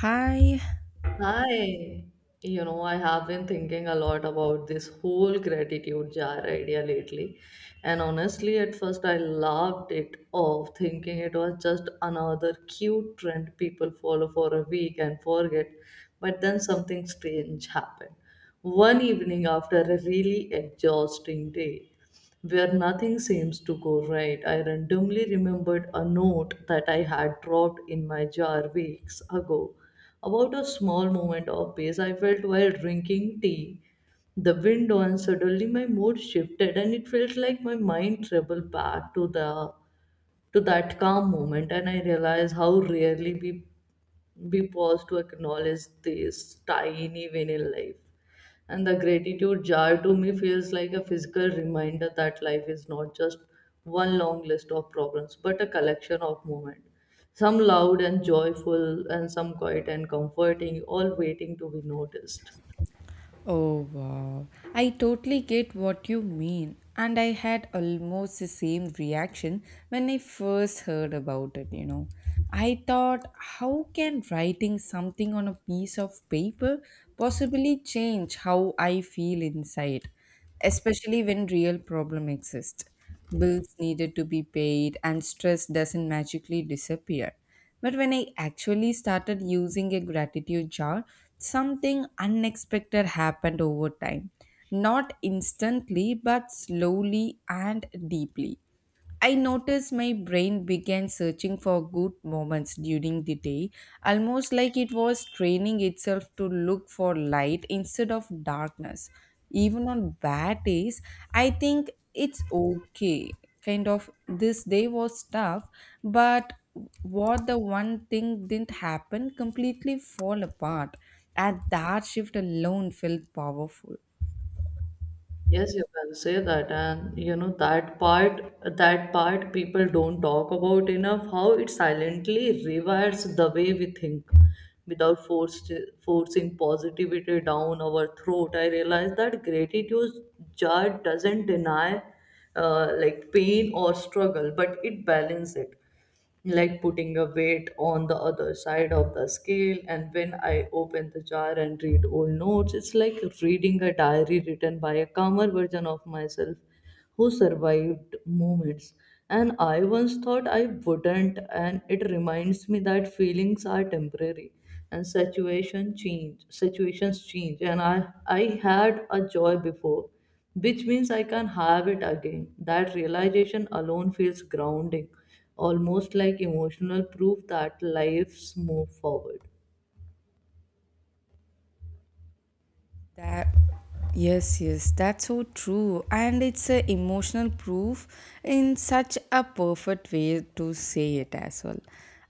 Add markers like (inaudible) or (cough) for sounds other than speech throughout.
Hi. Hi. You know, I have been thinking a lot about this whole gratitude jar idea lately. And honestly, at first I laughed it off, thinking it was just another cute trend people follow for a week and forget. But then something strange happened. One evening after a really exhausting day, where nothing seems to go right. I randomly remembered a note that I had dropped in my jar weeks ago about a small moment of peace I felt while drinking tea. The wind on suddenly my mood shifted and it felt like my mind traveled back to that calm moment, and I realized how rarely we pause to acknowledge this tiny win in life. And the gratitude jar to me feels like a physical reminder that life is not just one long list of problems, but a collection of moments. Some loud and joyful, and some quiet and comforting, all waiting to be noticed. Oh, wow. I totally get what you mean. And I had almost the same reaction when I first heard about it, you know. I thought, how can writing something on a piece of paper possibly change how I feel inside, especially when real problem exists? Bills needed to be paid and stress doesn't magically disappear. But when I actually started using a gratitude jar, something unexpected happened over time. Not instantly, but slowly and deeply. I noticed my brain began searching for good moments during the day, almost like it was training itself to look for light instead of darkness. Even on bad days, I think it's okay. Kind of this day was tough, but what the one thing didn't happen completely fall apart. At that shift alone felt powerful. Yes, you can say that, and you know that part. That part people don't talk about enough. How it silently rewires the way we think, without forcing positivity down our throat. I realize that gratitude jar doesn't deny, like pain or struggle, but it balances it like putting a weight on the other side of the scale. And when I open the jar and read old notes, it's like reading a diary written by a calmer version of myself who survived moments. And I once thought I wouldn't, and it reminds me that feelings are temporary and situations change, and I had a joy before, which means I can have it again. That realization alone feels grounding, almost like emotional proof that lives move forward. That Yes, yes, that's so true. And it's a emotional proof in such a perfect way to say it as well.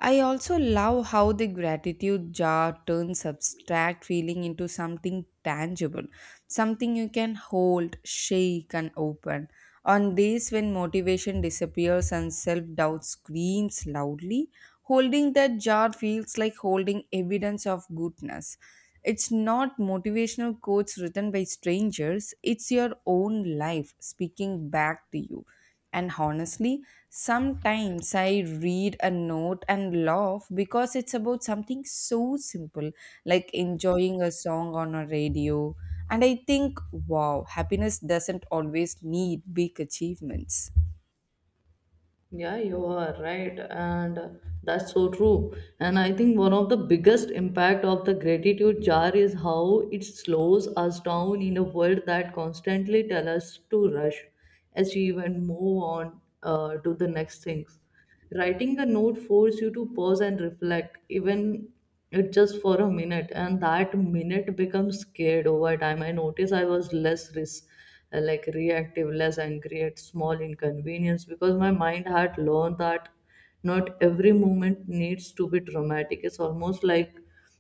I also love how the gratitude jar turns abstract feeling into something tangible, something you can hold, shake, and open. On days when motivation disappears and self doubt screams loudly, holding that jar feels like holding evidence of goodness. It's not motivational quotes written by strangers, it's your own life speaking back to you. And honestly, sometimes I read a note and laugh because it's about something so simple, like enjoying a song on a radio. And I think, wow, happiness doesn't always need big achievements. Yeah, you are right, and that's so true. And I think one of the biggest impact of the gratitude jar is how it slows us down in a world that constantly tell us to rush, achieve, and move on to the next things. Writing a note forces you to pause and reflect, even it just for a minute, and that minute becomes scared over time. I noticed I was like reactive, less angry at small inconvenience because my mind had learned that not every moment needs to be dramatic. It's almost like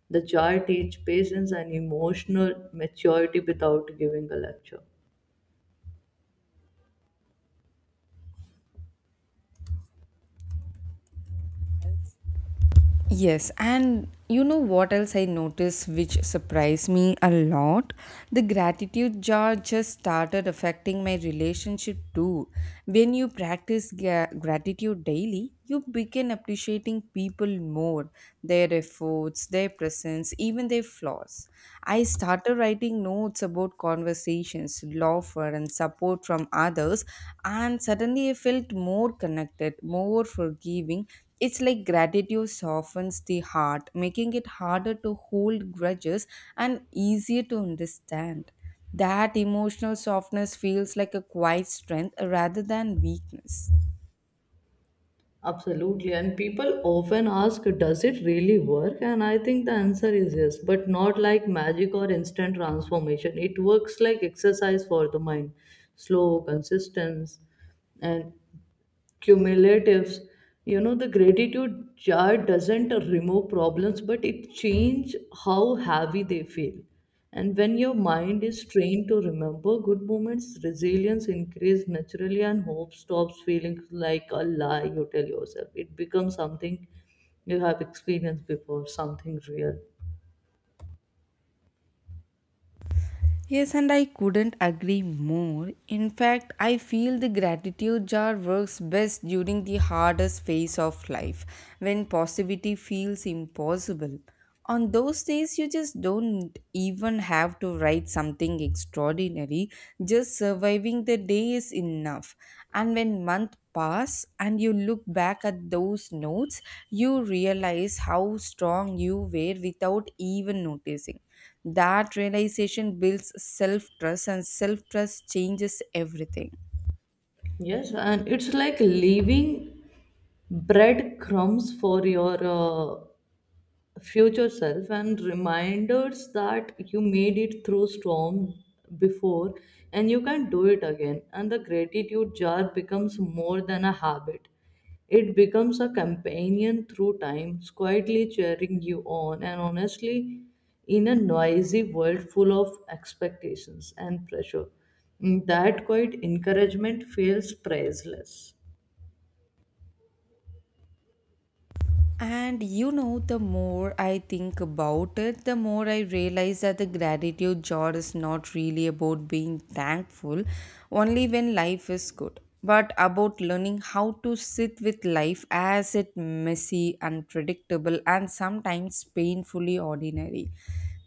the jar teach patience and emotional maturity without giving a lecture. Yes, and you know what else I noticed which surprised me a lot? The gratitude jar just started affecting my relationship too. When you practice gratitude daily, you begin appreciating people more, their efforts, their presence, even their flaws. I started writing notes about conversations, laughter, and support from others, and suddenly I felt more connected, more forgiving. It's like gratitude softens the heart, making it harder to hold grudges and easier to understand. That emotional softness feels like a quiet strength rather than weakness. Absolutely. And people often ask, does it really work? And I think the answer is yes, but not like magic or instant transformation. It works like exercise for the mind, slow, consistent, and cumulatives. You know, the gratitude jar doesn't remove problems, but it changes how heavy they feel. And when your mind is trained to remember good moments, resilience increases naturally and hope stops feeling like a lie you tell yourself. It becomes something you have experienced before, something real. Yes, and I couldn't agree more. In fact, I feel the gratitude jar works best during the hardest phase of life when positivity feels impossible. On those days, you just don't even have to write something extraordinary, just surviving the day is enough. And when months pass and you look back at those notes, you realize how strong you were without even noticing. That realization builds self trust, and self trust changes everything. Yes, and it's like leaving breadcrumbs for your future self and reminders that you made it through storm before, and you can do it again. And the gratitude jar becomes more than a habit, it becomes a companion through time, quietly cheering you on. And honestly, in a noisy world full of expectations and pressure, Mm, that quiet encouragement feels priceless. And you know, the more I think about it, the more I realize that the gratitude jar is not really about being thankful only when life is good, but about learning how to sit with life as it messy, unpredictable, and sometimes painfully ordinary.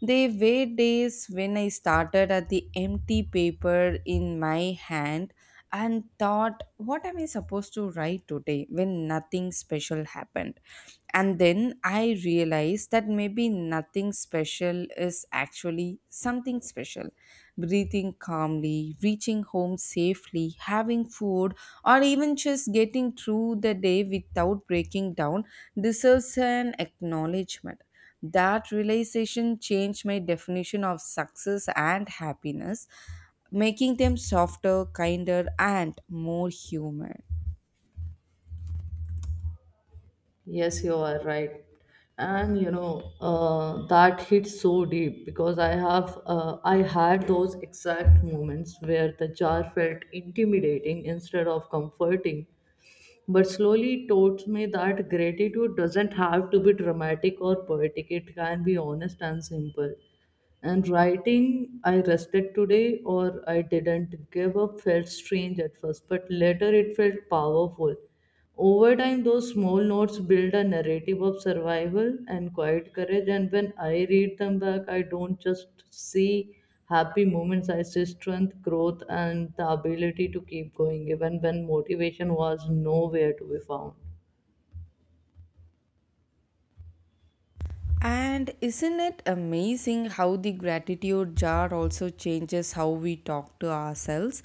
There were days when I started at the empty paper in my hand and thought, what am I supposed to write today when nothing special happened? And then I realized that maybe nothing special is actually something special. Breathing calmly, reaching home safely, having food, or even just getting through the day without breaking down deserves an acknowledgement. That realization changed my definition of success and happiness, making them softer, kinder, and more human. Yes, you are right. And you know, that hits so deep because I had those exact moments where the jar felt intimidating instead of comforting. But slowly it taught me that gratitude doesn't have to be dramatic or poetic, it can be honest and simple. And writing, I rested today or I didn't give up felt strange at first, but later it felt powerful. Over time, those small notes build a narrative of survival and quiet courage. And when I read them back, I don't just see happy moments, I see strength, growth, and the ability to keep going, even when motivation was nowhere to be found. And isn't it amazing how the gratitude jar also changes how we talk to ourselves?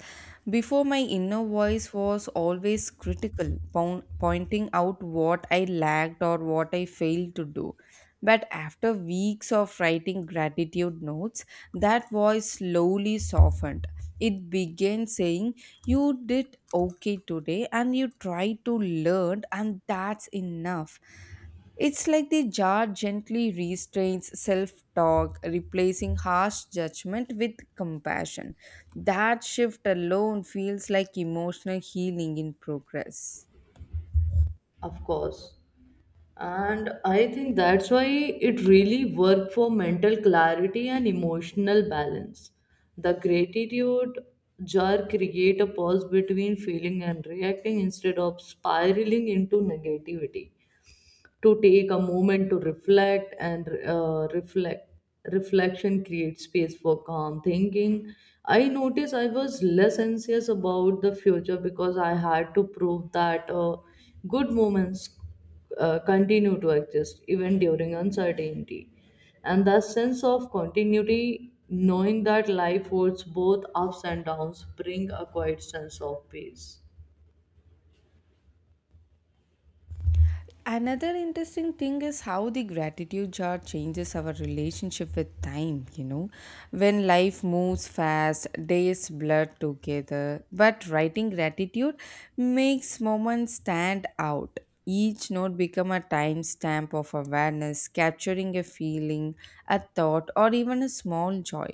Before, my inner voice was always critical, pointing out what I lacked or what I failed to do. But after weeks of writing gratitude notes, that voice slowly softened. It began saying, you did okay today, and you tried to learn, and that's enough. It's like the jar gently restrains self talk, replacing harsh judgment with compassion. That shift alone feels like emotional healing in progress. Of course. And I think that's why it really worked for mental clarity and emotional balance. The gratitude jar create a pause between feeling and reacting. Instead of spiraling into negativity, to take a moment to reflect and reflection creates space for calm thinking. I noticed I was less anxious about the future because I had to prove that good moments continue to exist even during uncertainty, and that sense of continuity, knowing that life holds both ups and downs, bring a quiet sense of peace. Another interesting thing is how the gratitude jar changes our relationship with time, you know. When life moves fast, days blur together, but writing gratitude makes moments stand out. Each note become a timestamp of awareness, capturing a feeling, a thought, or even a small joy.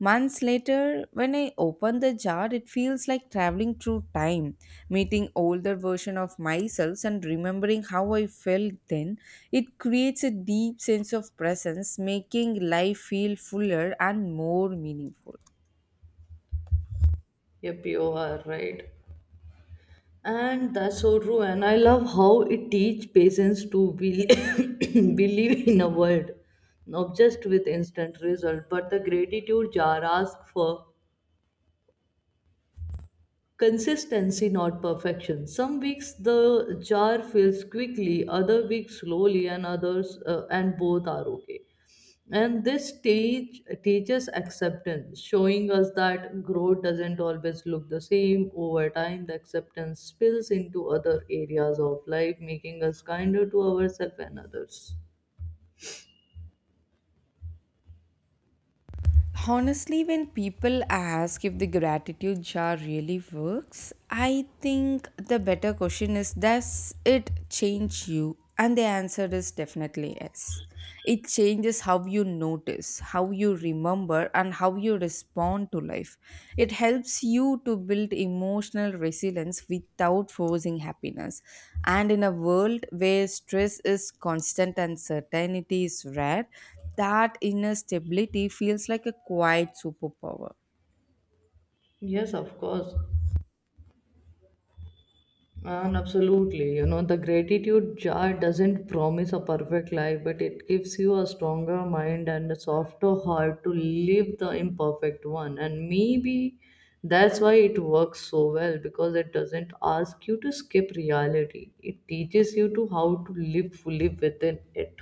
Months later, when I open the jar, it feels like traveling through time, meeting older version of myself and remembering how I felt then. It creates a deep sense of presence, making life feel fuller and more meaningful. Yep, you are right. And that's so true. And I love how it teaches patients to believe, (coughs) believe in a word, not just with instant result, but the gratitude jar asks for consistency, not perfection. Some weeks the jar fills quickly, other weeks slowly, and others, and both are okay. And this stage teaches acceptance, showing us that growth doesn't always look the same. Over time, the acceptance spills into other areas of life, making us kinder to ourselves and others. Honestly, when people ask if the gratitude jar really works, I think the better question is, does it change you? And the answer is definitely yes. It changes how you notice, how you remember, and how you respond to life. It helps you to build emotional resilience without forcing happiness. And in a world where stress is constant and certainty is rare, that inner stability feels like a quiet superpower. Yes, of course. And absolutely, you know, the gratitude jar doesn't promise a perfect life, but it gives you a stronger mind and a softer heart to live the imperfect one. And maybe that's why it works so well, because it doesn't ask you to skip reality, it teaches you to how to live fully within it.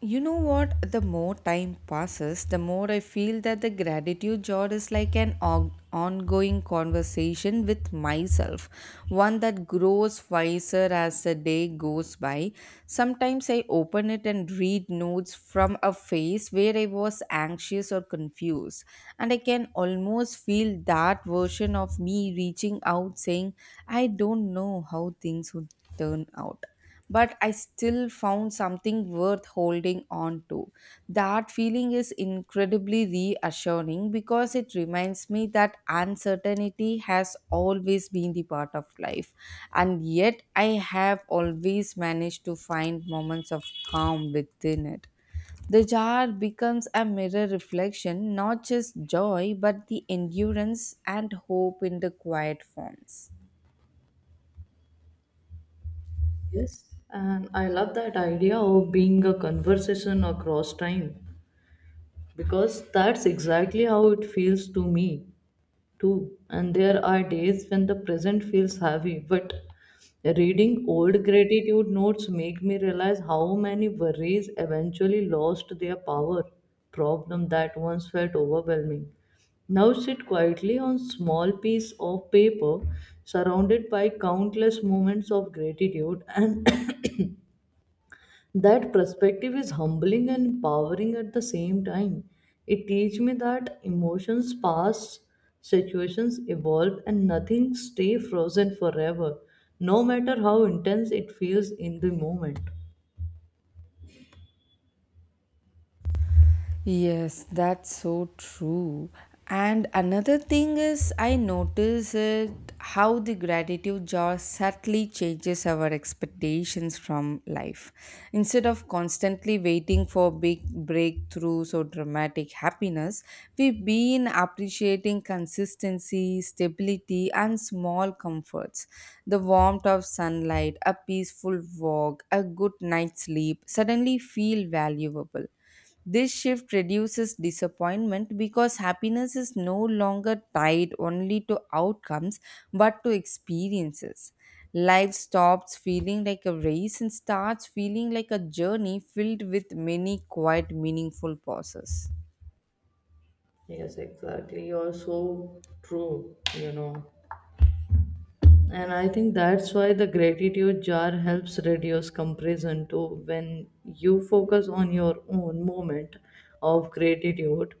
You know what? The more time passes, the more I feel that the gratitude jar is like an ongoing conversation with myself, one that grows wiser as the day goes by. Sometimes I open it and read notes from a phase where I was anxious or confused, and I can almost feel that version of me reaching out saying, I don't know how things would turn out, but I still found something worth holding on to. That feeling is incredibly reassuring because it reminds me that uncertainty has always been the part of life, and yet I have always managed to find moments of calm within it. The jar becomes a mirror reflection, not just joy, but the endurance and hope in the quiet forms. Yes. And I love that idea of being a conversation across time because that's exactly how it feels to me, too. And there are days when the present feels heavy, but reading old gratitude notes make me realize how many worries eventually lost their power. Problem that once felt overwhelming. Now sit quietly on small piece of paper surrounded by countless moments of gratitude, and (coughs) that perspective is humbling and empowering at the same time. It teaches me that emotions pass, situations evolve, and nothing stay frozen forever, no matter how intense it feels in the moment. Yes, that's so true. And another thing is, I notice it, how the gratitude jar subtly changes our expectations from life. Instead of constantly waiting for big breakthroughs or dramatic happiness, we've been appreciating consistency, stability, and small comforts. The warmth of sunlight, a peaceful walk, a good night's sleep suddenly feel valuable. This shift reduces disappointment because happiness is no longer tied only to outcomes but to experiences. Life stops feeling like a race and starts feeling like a journey filled with many quiet, meaningful pauses. Yes, exactly. You're so true, you know. And I think that's why the gratitude jar helps reduce comparison too. When you focus on your own moment of gratitude,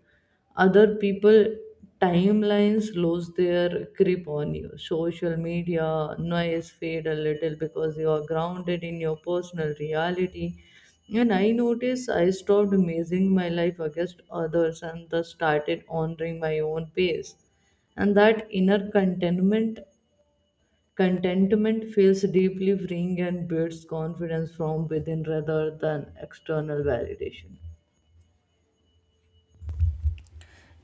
other people timelines lose their grip on you. Social media noise fade a little because you are grounded in your personal reality. And I noticed I stopped measuring my life against others and thus started honoring my own pace, and that inner contentment Contentment feels deeply freeing and builds confidence from within rather than external validation.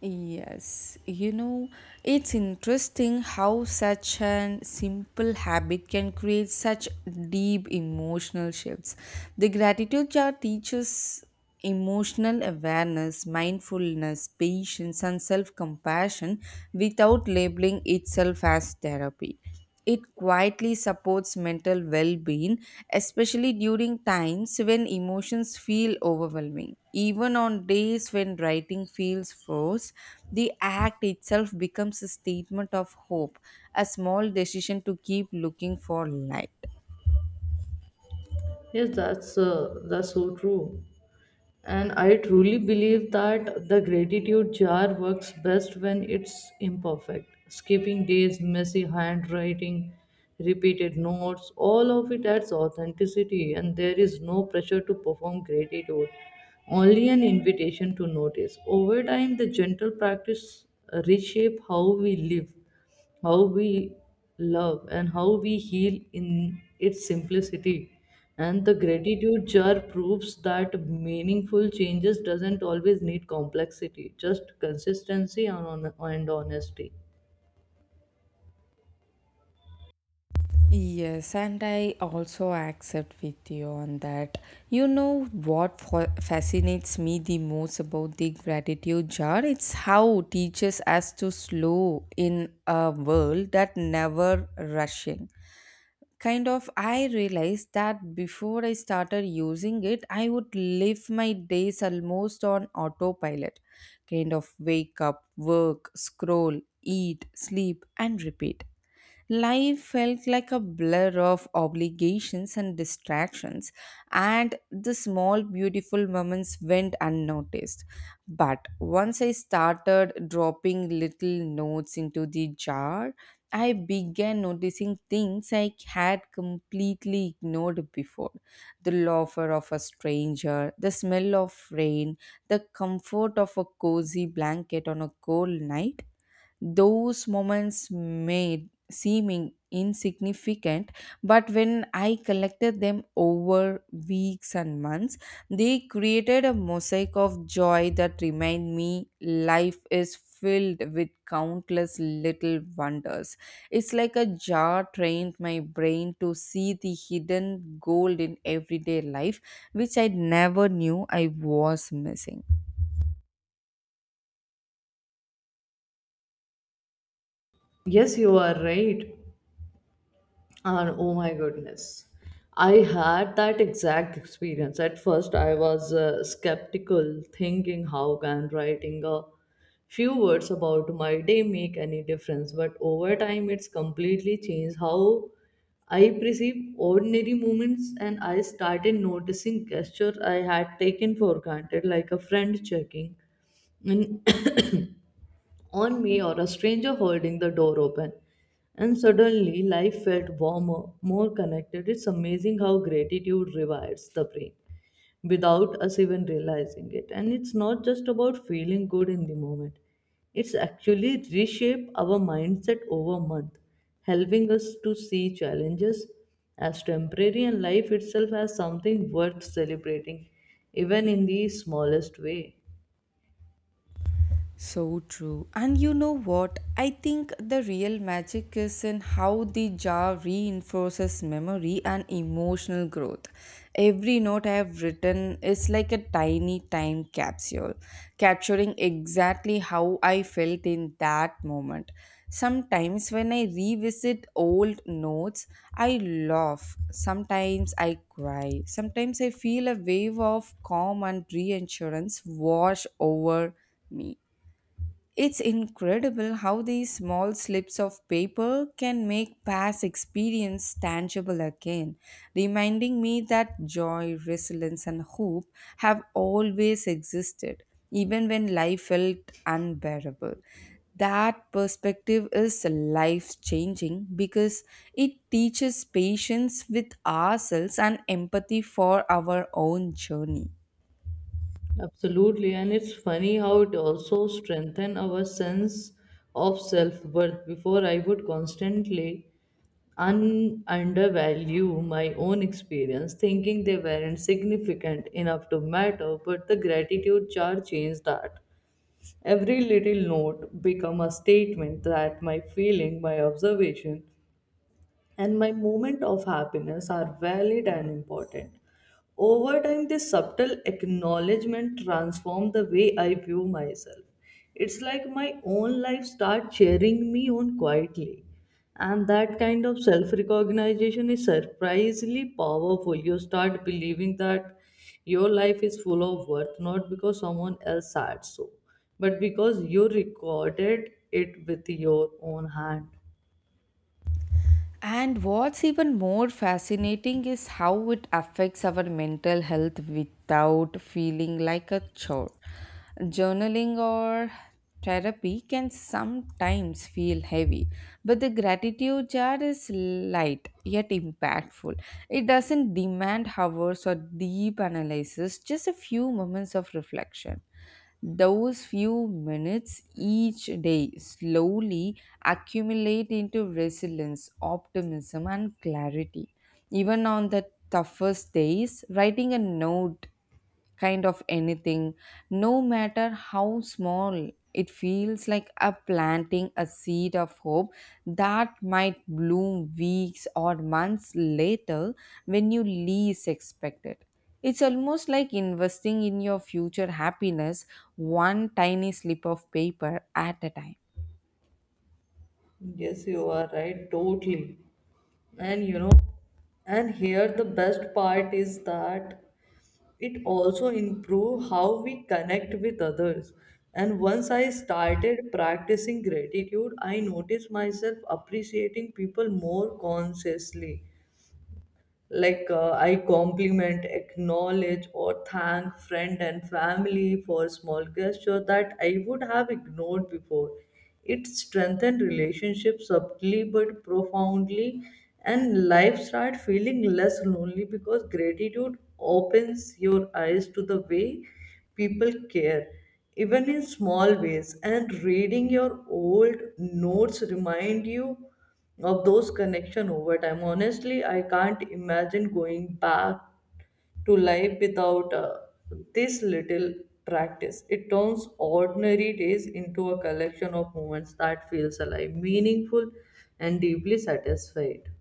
Yes, you know, it's interesting how such an simple habit can create such deep emotional shifts. The gratitude jar teaches emotional awareness, mindfulness, patience, and self compassion without labeling itself as therapy. It quietly supports mental well being, especially during times when emotions feel overwhelming. Even on days when writing feels forced, the act itself becomes a statement of hope, a small decision to keep looking for light. Yes, that's so true. And I truly believe that the gratitude jar works best when it's imperfect. Skipping days, messy handwriting, repeated notes, all of it adds authenticity, and there is no pressure to perform gratitude, only an invitation to notice. Over time, the gentle practice reshape how we live, how we love, and how we heal in its simplicity. And the gratitude jar proves that meaningful changes doesn't always need complexity, just consistency and, and honesty. Yes, and I also accept with you on that. You know what fascinates me the most about the gratitude jar? It's how teaches us to slow in a world that never rushing. Kind of, I realized that before I started using it, I would live my days almost on autopilot. Kind of wake up, work, scroll, eat, sleep, and repeat. Life felt like a blur of obligations and distractions, and the small beautiful moments went unnoticed. But once I started dropping little notes into the jar, I began noticing things I had completely ignored before, the laughter of a stranger, the smell of rain, the comfort of a cozy blanket on a cold night. Those moments made seeming insignificant, but when I collected them over weeks and months, they created a mosaic of joy that remind me life is filled with countless little wonders. It's like a jar trained my brain to see the hidden gold in everyday life, which I never knew I was missing. Yes, you are right. And oh my goodness, I had that exact experience. At first, I was skeptical, thinking how can writing a few words about my day make any difference. But over time, it's completely changed how I perceive ordinary moments, and I started noticing gestures I had taken for granted, like a friend checking in (coughs) on me or a stranger holding the door open. And suddenly, life felt warmer, more connected. It's amazing how gratitude rewires the brain without us even realizing it. And it's not just about feeling good in the moment, it's actually reshape our mindset over month, helping us to see challenges as temporary and life itself as something worth celebrating, even in the smallest way. So true. And you know what? I think the real magic is in how the jar reinforces memory and emotional growth. Every note I have written is like a tiny time capsule, capturing exactly how I felt in that moment. Sometimes when I revisit old notes, I laugh. Sometimes I cry. Sometimes I feel a wave of calm and reassurance wash over me. It's incredible how these small slips of paper can make past experience tangible again, reminding me that joy, resilience, and hope have always existed, even when life felt unbearable. That perspective is life changing because it teaches patience with ourselves and empathy for our own journey. Absolutely, and it's funny how it also strengthened our sense of self worth. Before, I would constantly undervalue my own experience, thinking they weren't significant enough to matter. But the gratitude jar changed that. Every little note become a statement that my feeling, my observation, and my moment of happiness are valid and important. Over time, this subtle acknowledgement transformed the way I view myself. It's like my own life starts cheering me on quietly. And that kind of self recognition is surprisingly powerful. You start believing that your life is full of worth, not because someone else said so, but because you recorded it with your own hand. And what's even more fascinating is how it affects our mental health without feeling like a chore. Journaling or therapy can sometimes feel heavy, but the gratitude jar is light yet impactful. It doesn't demand hours or deep analysis, just a few moments of reflection. Those few minutes each day slowly accumulate into resilience, optimism, and clarity. Even on the toughest days, writing a note, kind of anything, no matter how small, it feels like a planting a seed of hope that might bloom weeks or months later when you least expect it. It's almost like investing in your future happiness one tiny slip of paper at a time. Yes, you are right, totally. And you know, and here the best part is that it also improve how we connect with others. And once I started practicing gratitude, I noticed myself appreciating people more consciously, like I compliment, acknowledge, or thank friend and family for small gesture that I would have ignored before. It strengthened relationships subtly but profoundly, and life start feeling less lonely because gratitude opens your eyes to the way people care, even in small ways. And reading your old notes remind you of those connection over time. Honestly, I can't imagine going back to life without this little practice. It turns ordinary days into a collection of moments that feels alive, meaningful, and deeply satisfied.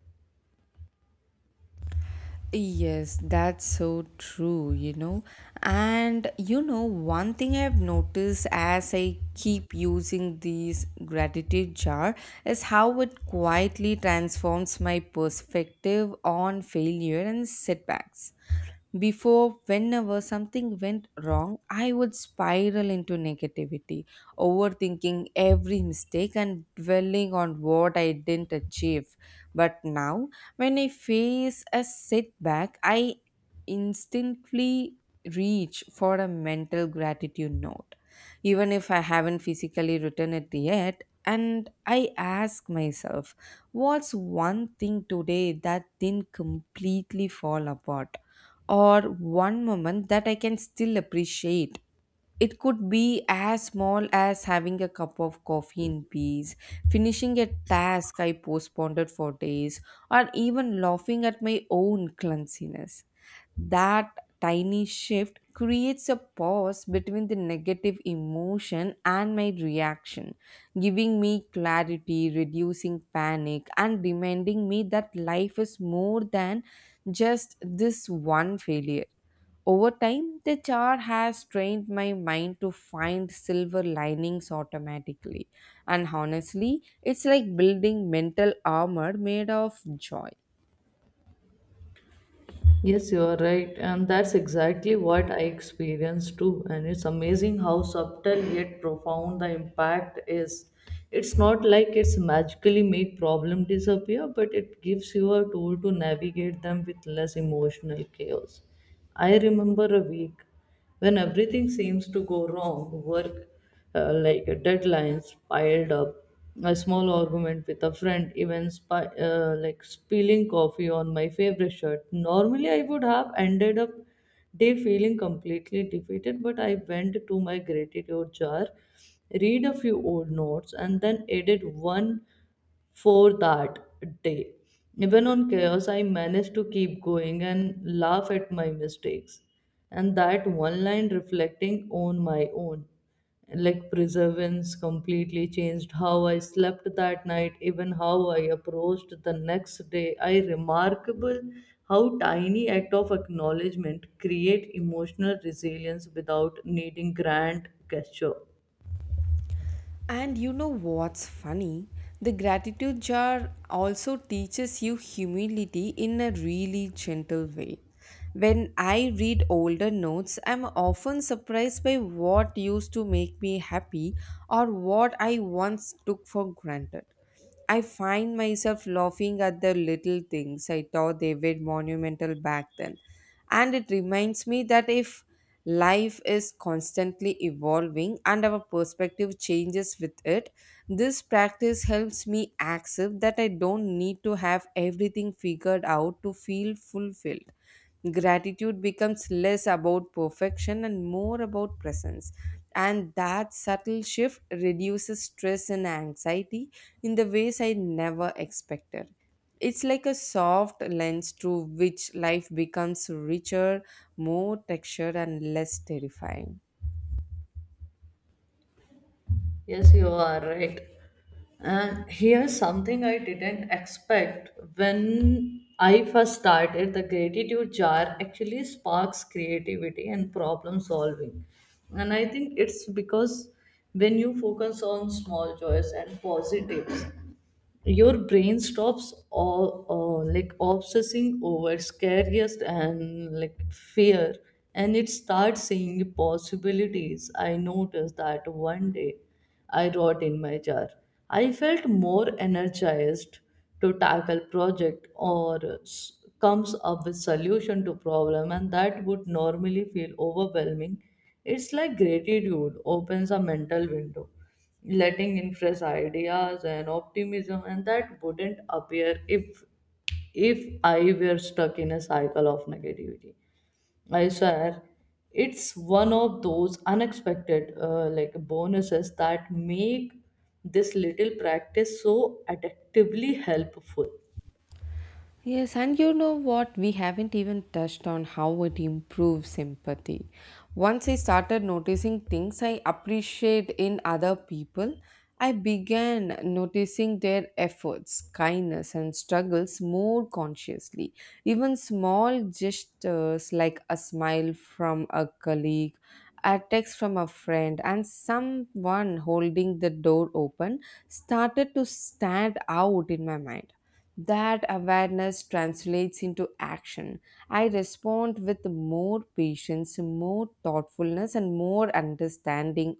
Yes, that's so true, you know. And you know, one thing I've noticed as I keep using this gratitude jar is how it quietly transforms my perspective on failure and setbacks. Before, whenever something went wrong, I would spiral into negativity, overthinking every mistake and dwelling on what I didn't achieve. But now, when I face a setback, I instantly reach for a mental gratitude note, even if I haven't physically written it yet. And I ask myself, what's one thing today that didn't completely fall apart? Or one moment that I can still appreciate? It could be as small as having a cup of coffee in peace, finishing a task I postponed for days, or even laughing at my own clumsiness. That tiny shift creates a pause between the negative emotion and my reaction, giving me clarity, reducing panic, and reminding me that life is more than just this one failure. Over time, the jar has trained my mind to find silver linings automatically. And honestly, it's like building mental armor made of joy. Yes, you are right, and that's exactly what I experienced too. And it's amazing how subtle yet profound the impact is. It's not like it's magically make problem disappear, but it gives you a tool to navigate them with less emotional chaos. I remember a week when everything seems to go wrong. Work, like, deadlines piled up, a small argument with a friend, even spy, like spilling coffee on my favorite shirt. Normally, I would have ended up day feeling completely defeated, but I went to my gratitude jar, read a few old notes, and then added one for that day. Even on chaos, I managed to keep going and laugh at my mistakes. And that one line reflecting on my own, like, perseverance, completely changed how I slept that night, even how I approached the next day. I remarkable how tiny act of acknowledgement create emotional resilience without needing grand gesture. And you know what's funny? The gratitude jar also teaches you humility in a really gentle way. When I read older notes, I'm often surprised by what used to make me happy or what I once took for granted. I find myself laughing at the little things I thought they were monumental back then. And it reminds me that if life is constantly evolving and our perspective changes with it, this practice helps me accept that I don't need to have everything figured out to feel fulfilled. Gratitude becomes less about perfection and more about presence. And that subtle shift reduces stress and anxiety in the ways I never expected. It's like a soft lens through which life becomes richer, more textured, and less terrifying. Yes, you are right. And here's something I didn't expect. When I first started, the gratitude jar actually sparks creativity and problem solving. And I think it's because when you focus on small joys and positives, your brain stops all like obsessing over scariest and like fear, and it starts seeing possibilities. I noticed that one day I wrote in my jar, I felt more energized to tackle project or comes up with solution to problem and that would normally feel overwhelming. It's like gratitude opens a mental window, letting in fresh ideas and optimism, and that wouldn't appear if I were stuck in a cycle of negativity. I swear, it's one of those unexpected like bonuses that make this little practice so addictively helpful. Yes, and you know what? We haven't even touched on how it improves empathy. Once I started noticing things I appreciate in other people, I began noticing their efforts, kindness, and struggles more consciously. Even small gestures like a smile from a colleague, a text from a friend, and someone holding the door open started to stand out in my mind. That awareness translates into action. I respond with more patience, more thoughtfulness, and more understanding.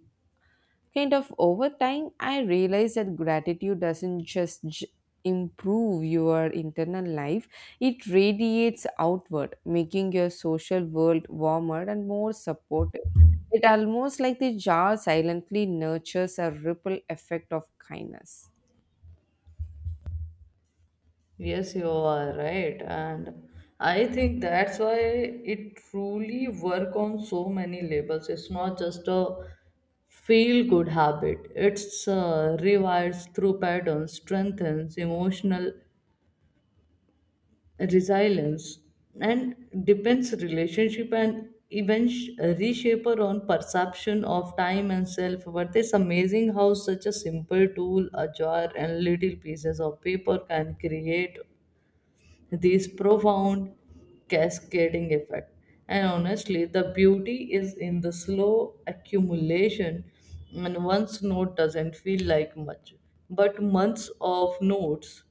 Kind of over time, I realize that gratitude doesn't improve your internal life, it radiates outward, making your social world warmer and more supportive. It almost like the jar silently nurtures a ripple effect of kindness. Yes, you are right. And I think that's why it truly work on so many levels. It's not just a feel good habit. It's rewires through patterns, strengthens emotional resilience, and depends relationship, and even reshaper on perception of time and self. But it's amazing how such a simple tool, a jar and little pieces of paper, can create this profound cascading effect. And honestly, the beauty is in the slow accumulation, and one's note doesn't feel like much, but months of notes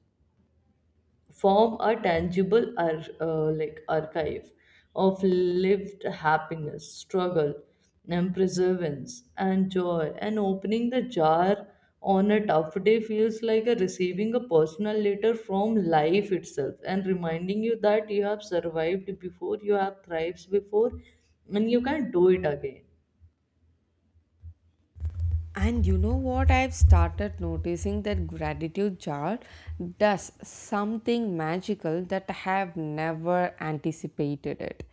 form a tangible like archive of lived happiness, struggle, and perseverance, and joy. And opening the jar on a tough day feels like a receiving a personal letter from life itself and reminding you that you have survived before, you have thrived before, and you can do it again. And you know what? I've started noticing that gratitude jar does something magical that I have never anticipated it.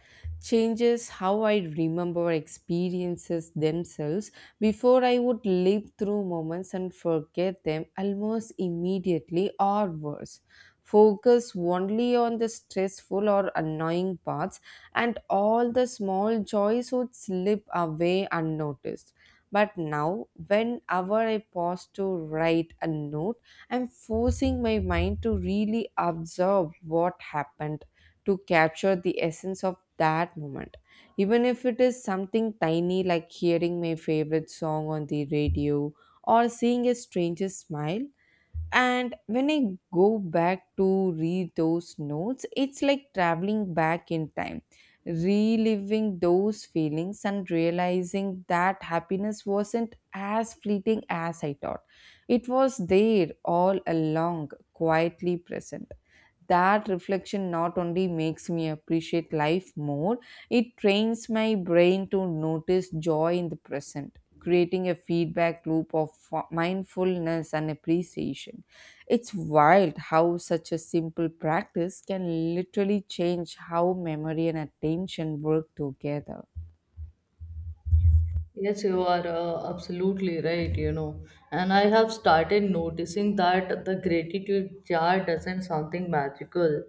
Changes how I remember experiences themselves before I would live through moments and forget them almost immediately or worse. Focus only on the stressful or annoying parts, and all the small joys would slip away unnoticed. But now, whenever I pause to write a note, I'm forcing my mind to really observe what happened to capture the essence of that moment. Even if it is something tiny like hearing my favorite song on the radio or seeing a stranger's smile, and when I go back to read those notes, it's like traveling back in time, reliving those feelings and realizing that happiness wasn't as fleeting as I thought. It was there all along, quietly present. That reflection not only makes me appreciate life more, it trains my brain to notice joy in the present, creating a feedback loop of mindfulness and appreciation. It's wild how such a simple practice can literally change how memory and attention work together. Yes, you are absolutely right, you know. And I have started noticing that the gratitude jar doesn't something magical,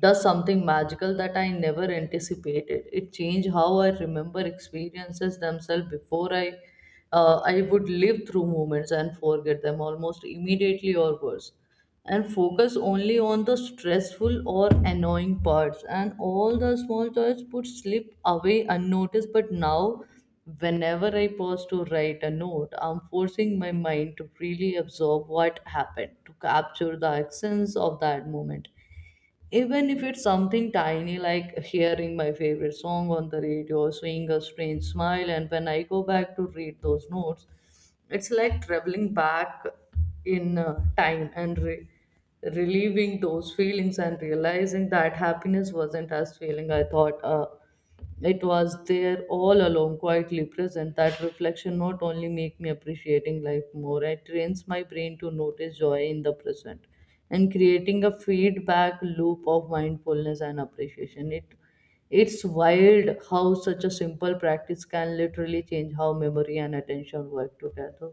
does something magical that I never anticipated. It changed how I remember experiences themselves before. I would live through moments and forget them almost immediately or worse, and focus only on the stressful or annoying parts, and all the small joys would slip away unnoticed. But now, whenever I pause to write a note, I'm forcing my mind to really absorb what happened, to capture the essence of that moment, even if it's something tiny like hearing my favorite song on the radio, seeing a strange smile. And when I go back to read those notes, it's like traveling back in time and relieving those feelings and realizing that happiness wasn't as feeling I thought. It was there all along, quietly present. That reflection not only make me appreciating life more, it trains my brain to notice joy in the present, and creating a feedback loop of mindfulness and appreciation. It's wild how such a simple practice can literally change how memory and attention work together.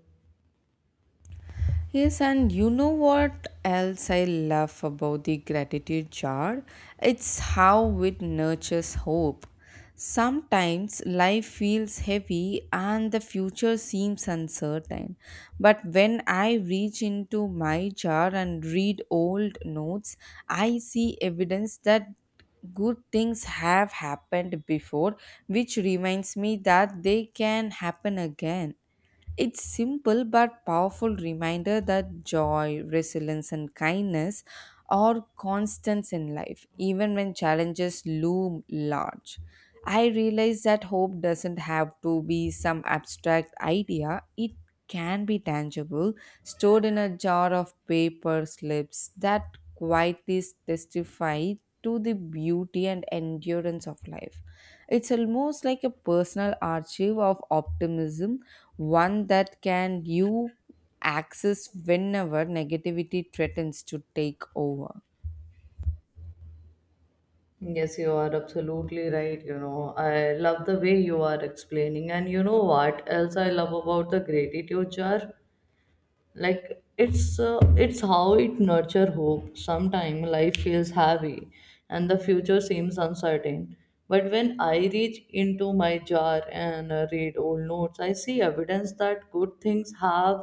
Yes, and you know what else I love about the gratitude jar? It's how it nurtures hope. Sometimes life feels heavy and the future seems uncertain. But when I reach into my jar and read old notes, I see evidence that good things have happened before, which reminds me that they can happen again. It's simple but powerful reminder that joy, resilience and kindness are constants in life even when challenges loom large. I realize that hope doesn't have to be some abstract idea. It can be tangible, stored in a jar of paper slips that quietly testify to the beauty and endurance of life. It's almost like a personal archive of optimism, one that can you access whenever negativity threatens to take over. Yes, you are absolutely right. You know, I love the way you are explaining. And you know what else I love about the gratitude jar? Like, it's how it nurture hope. Sometimes life feels heavy and the future seems uncertain, but when I reach into my jar and read old notes, I see evidence that good things have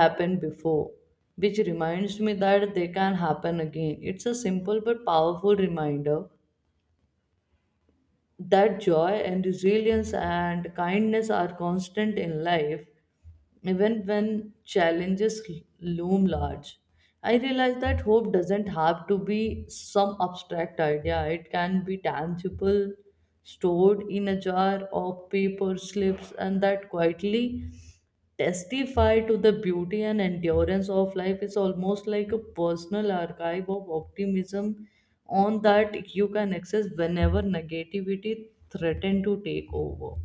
happened before, which reminds me that they can happen again. It's a simple but powerful reminder that joy and resilience and kindness are constant in life, even when challenges loom large. I realize that hope doesn't have to be some abstract idea. It can be tangible, stored in a jar of paper slips, and that quietly testify to the beauty and endurance of life. Is almost like a personal archive of optimism on that you can access whenever negativity threatens to take over.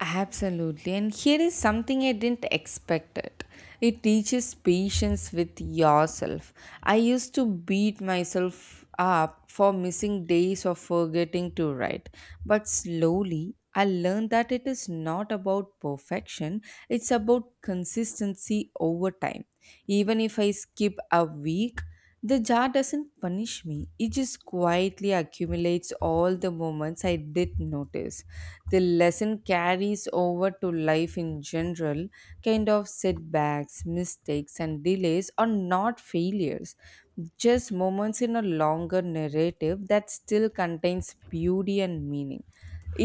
Absolutely. And here is something I didn't expect it. It teaches patience with yourself. I used to beat myself up for missing days or forgetting to write. But slowly, I learned that it is not about perfection, it's about consistency over time. Even if I skip a week, the jar doesn't punish me. It just quietly accumulates all the moments I did notice. The lesson carries over to life in general. Kind of setbacks, mistakes and delays are not failures, just moments in a longer narrative that still contains beauty and meaning.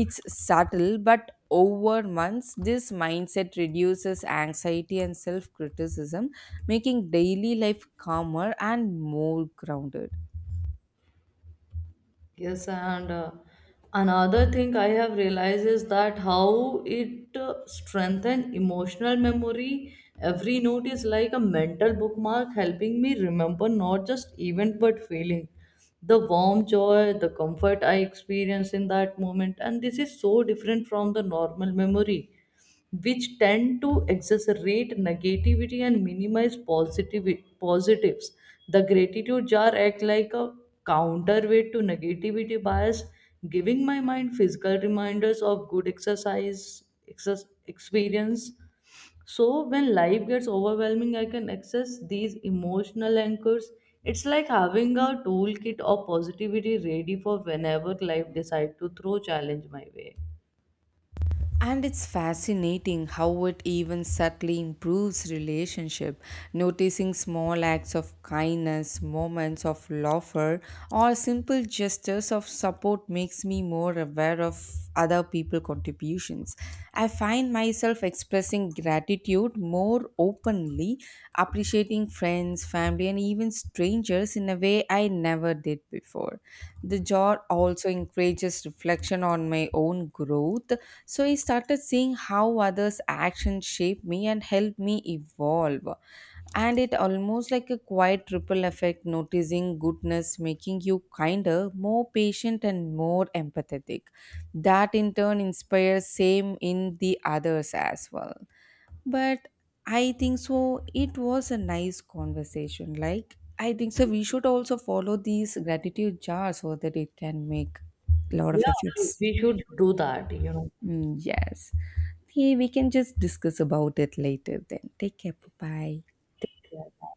It's subtle, but over months this mindset reduces anxiety and self-criticism, making daily life calmer and more grounded. Yes, and another thing I have realized is that how it strengthen emotional memory. Every note is like a mental bookmark, helping me remember not just event but feeling. The warm joy, the comfort I experienced in that moment, and this is so different from the normal memory, which tend to exacerbate negativity and minimize positive positives. The gratitude jar acts like a counterweight to negativity bias, giving my mind physical reminders of good exercise experience. So when life gets overwhelming, I can access these emotional anchors. It's like having a toolkit of positivity ready for whenever life decides to throw challenge my way. And it's fascinating how it even subtly improves relationship, noticing small acts of kindness, moments of laughter or simple gestures of support makes me more aware of other people contributions. I find myself expressing gratitude more openly, appreciating friends, family and even strangers in a way I never did before. The jar also encourages reflection on my own growth, so I started seeing how others' actions shape me and help me evolve. And it almost like a quiet ripple effect, noticing goodness, making you kinder, more patient, and more empathetic. That in turn inspires same in the others as well. But I think so. It was a nice conversation. Like I think so. We should also follow these gratitude jars so that it can make a lot of Yeah, we efforts. we should do that, you know. Mm, yes. Okay. We can just discuss about it later then. Take care. Bye bye. That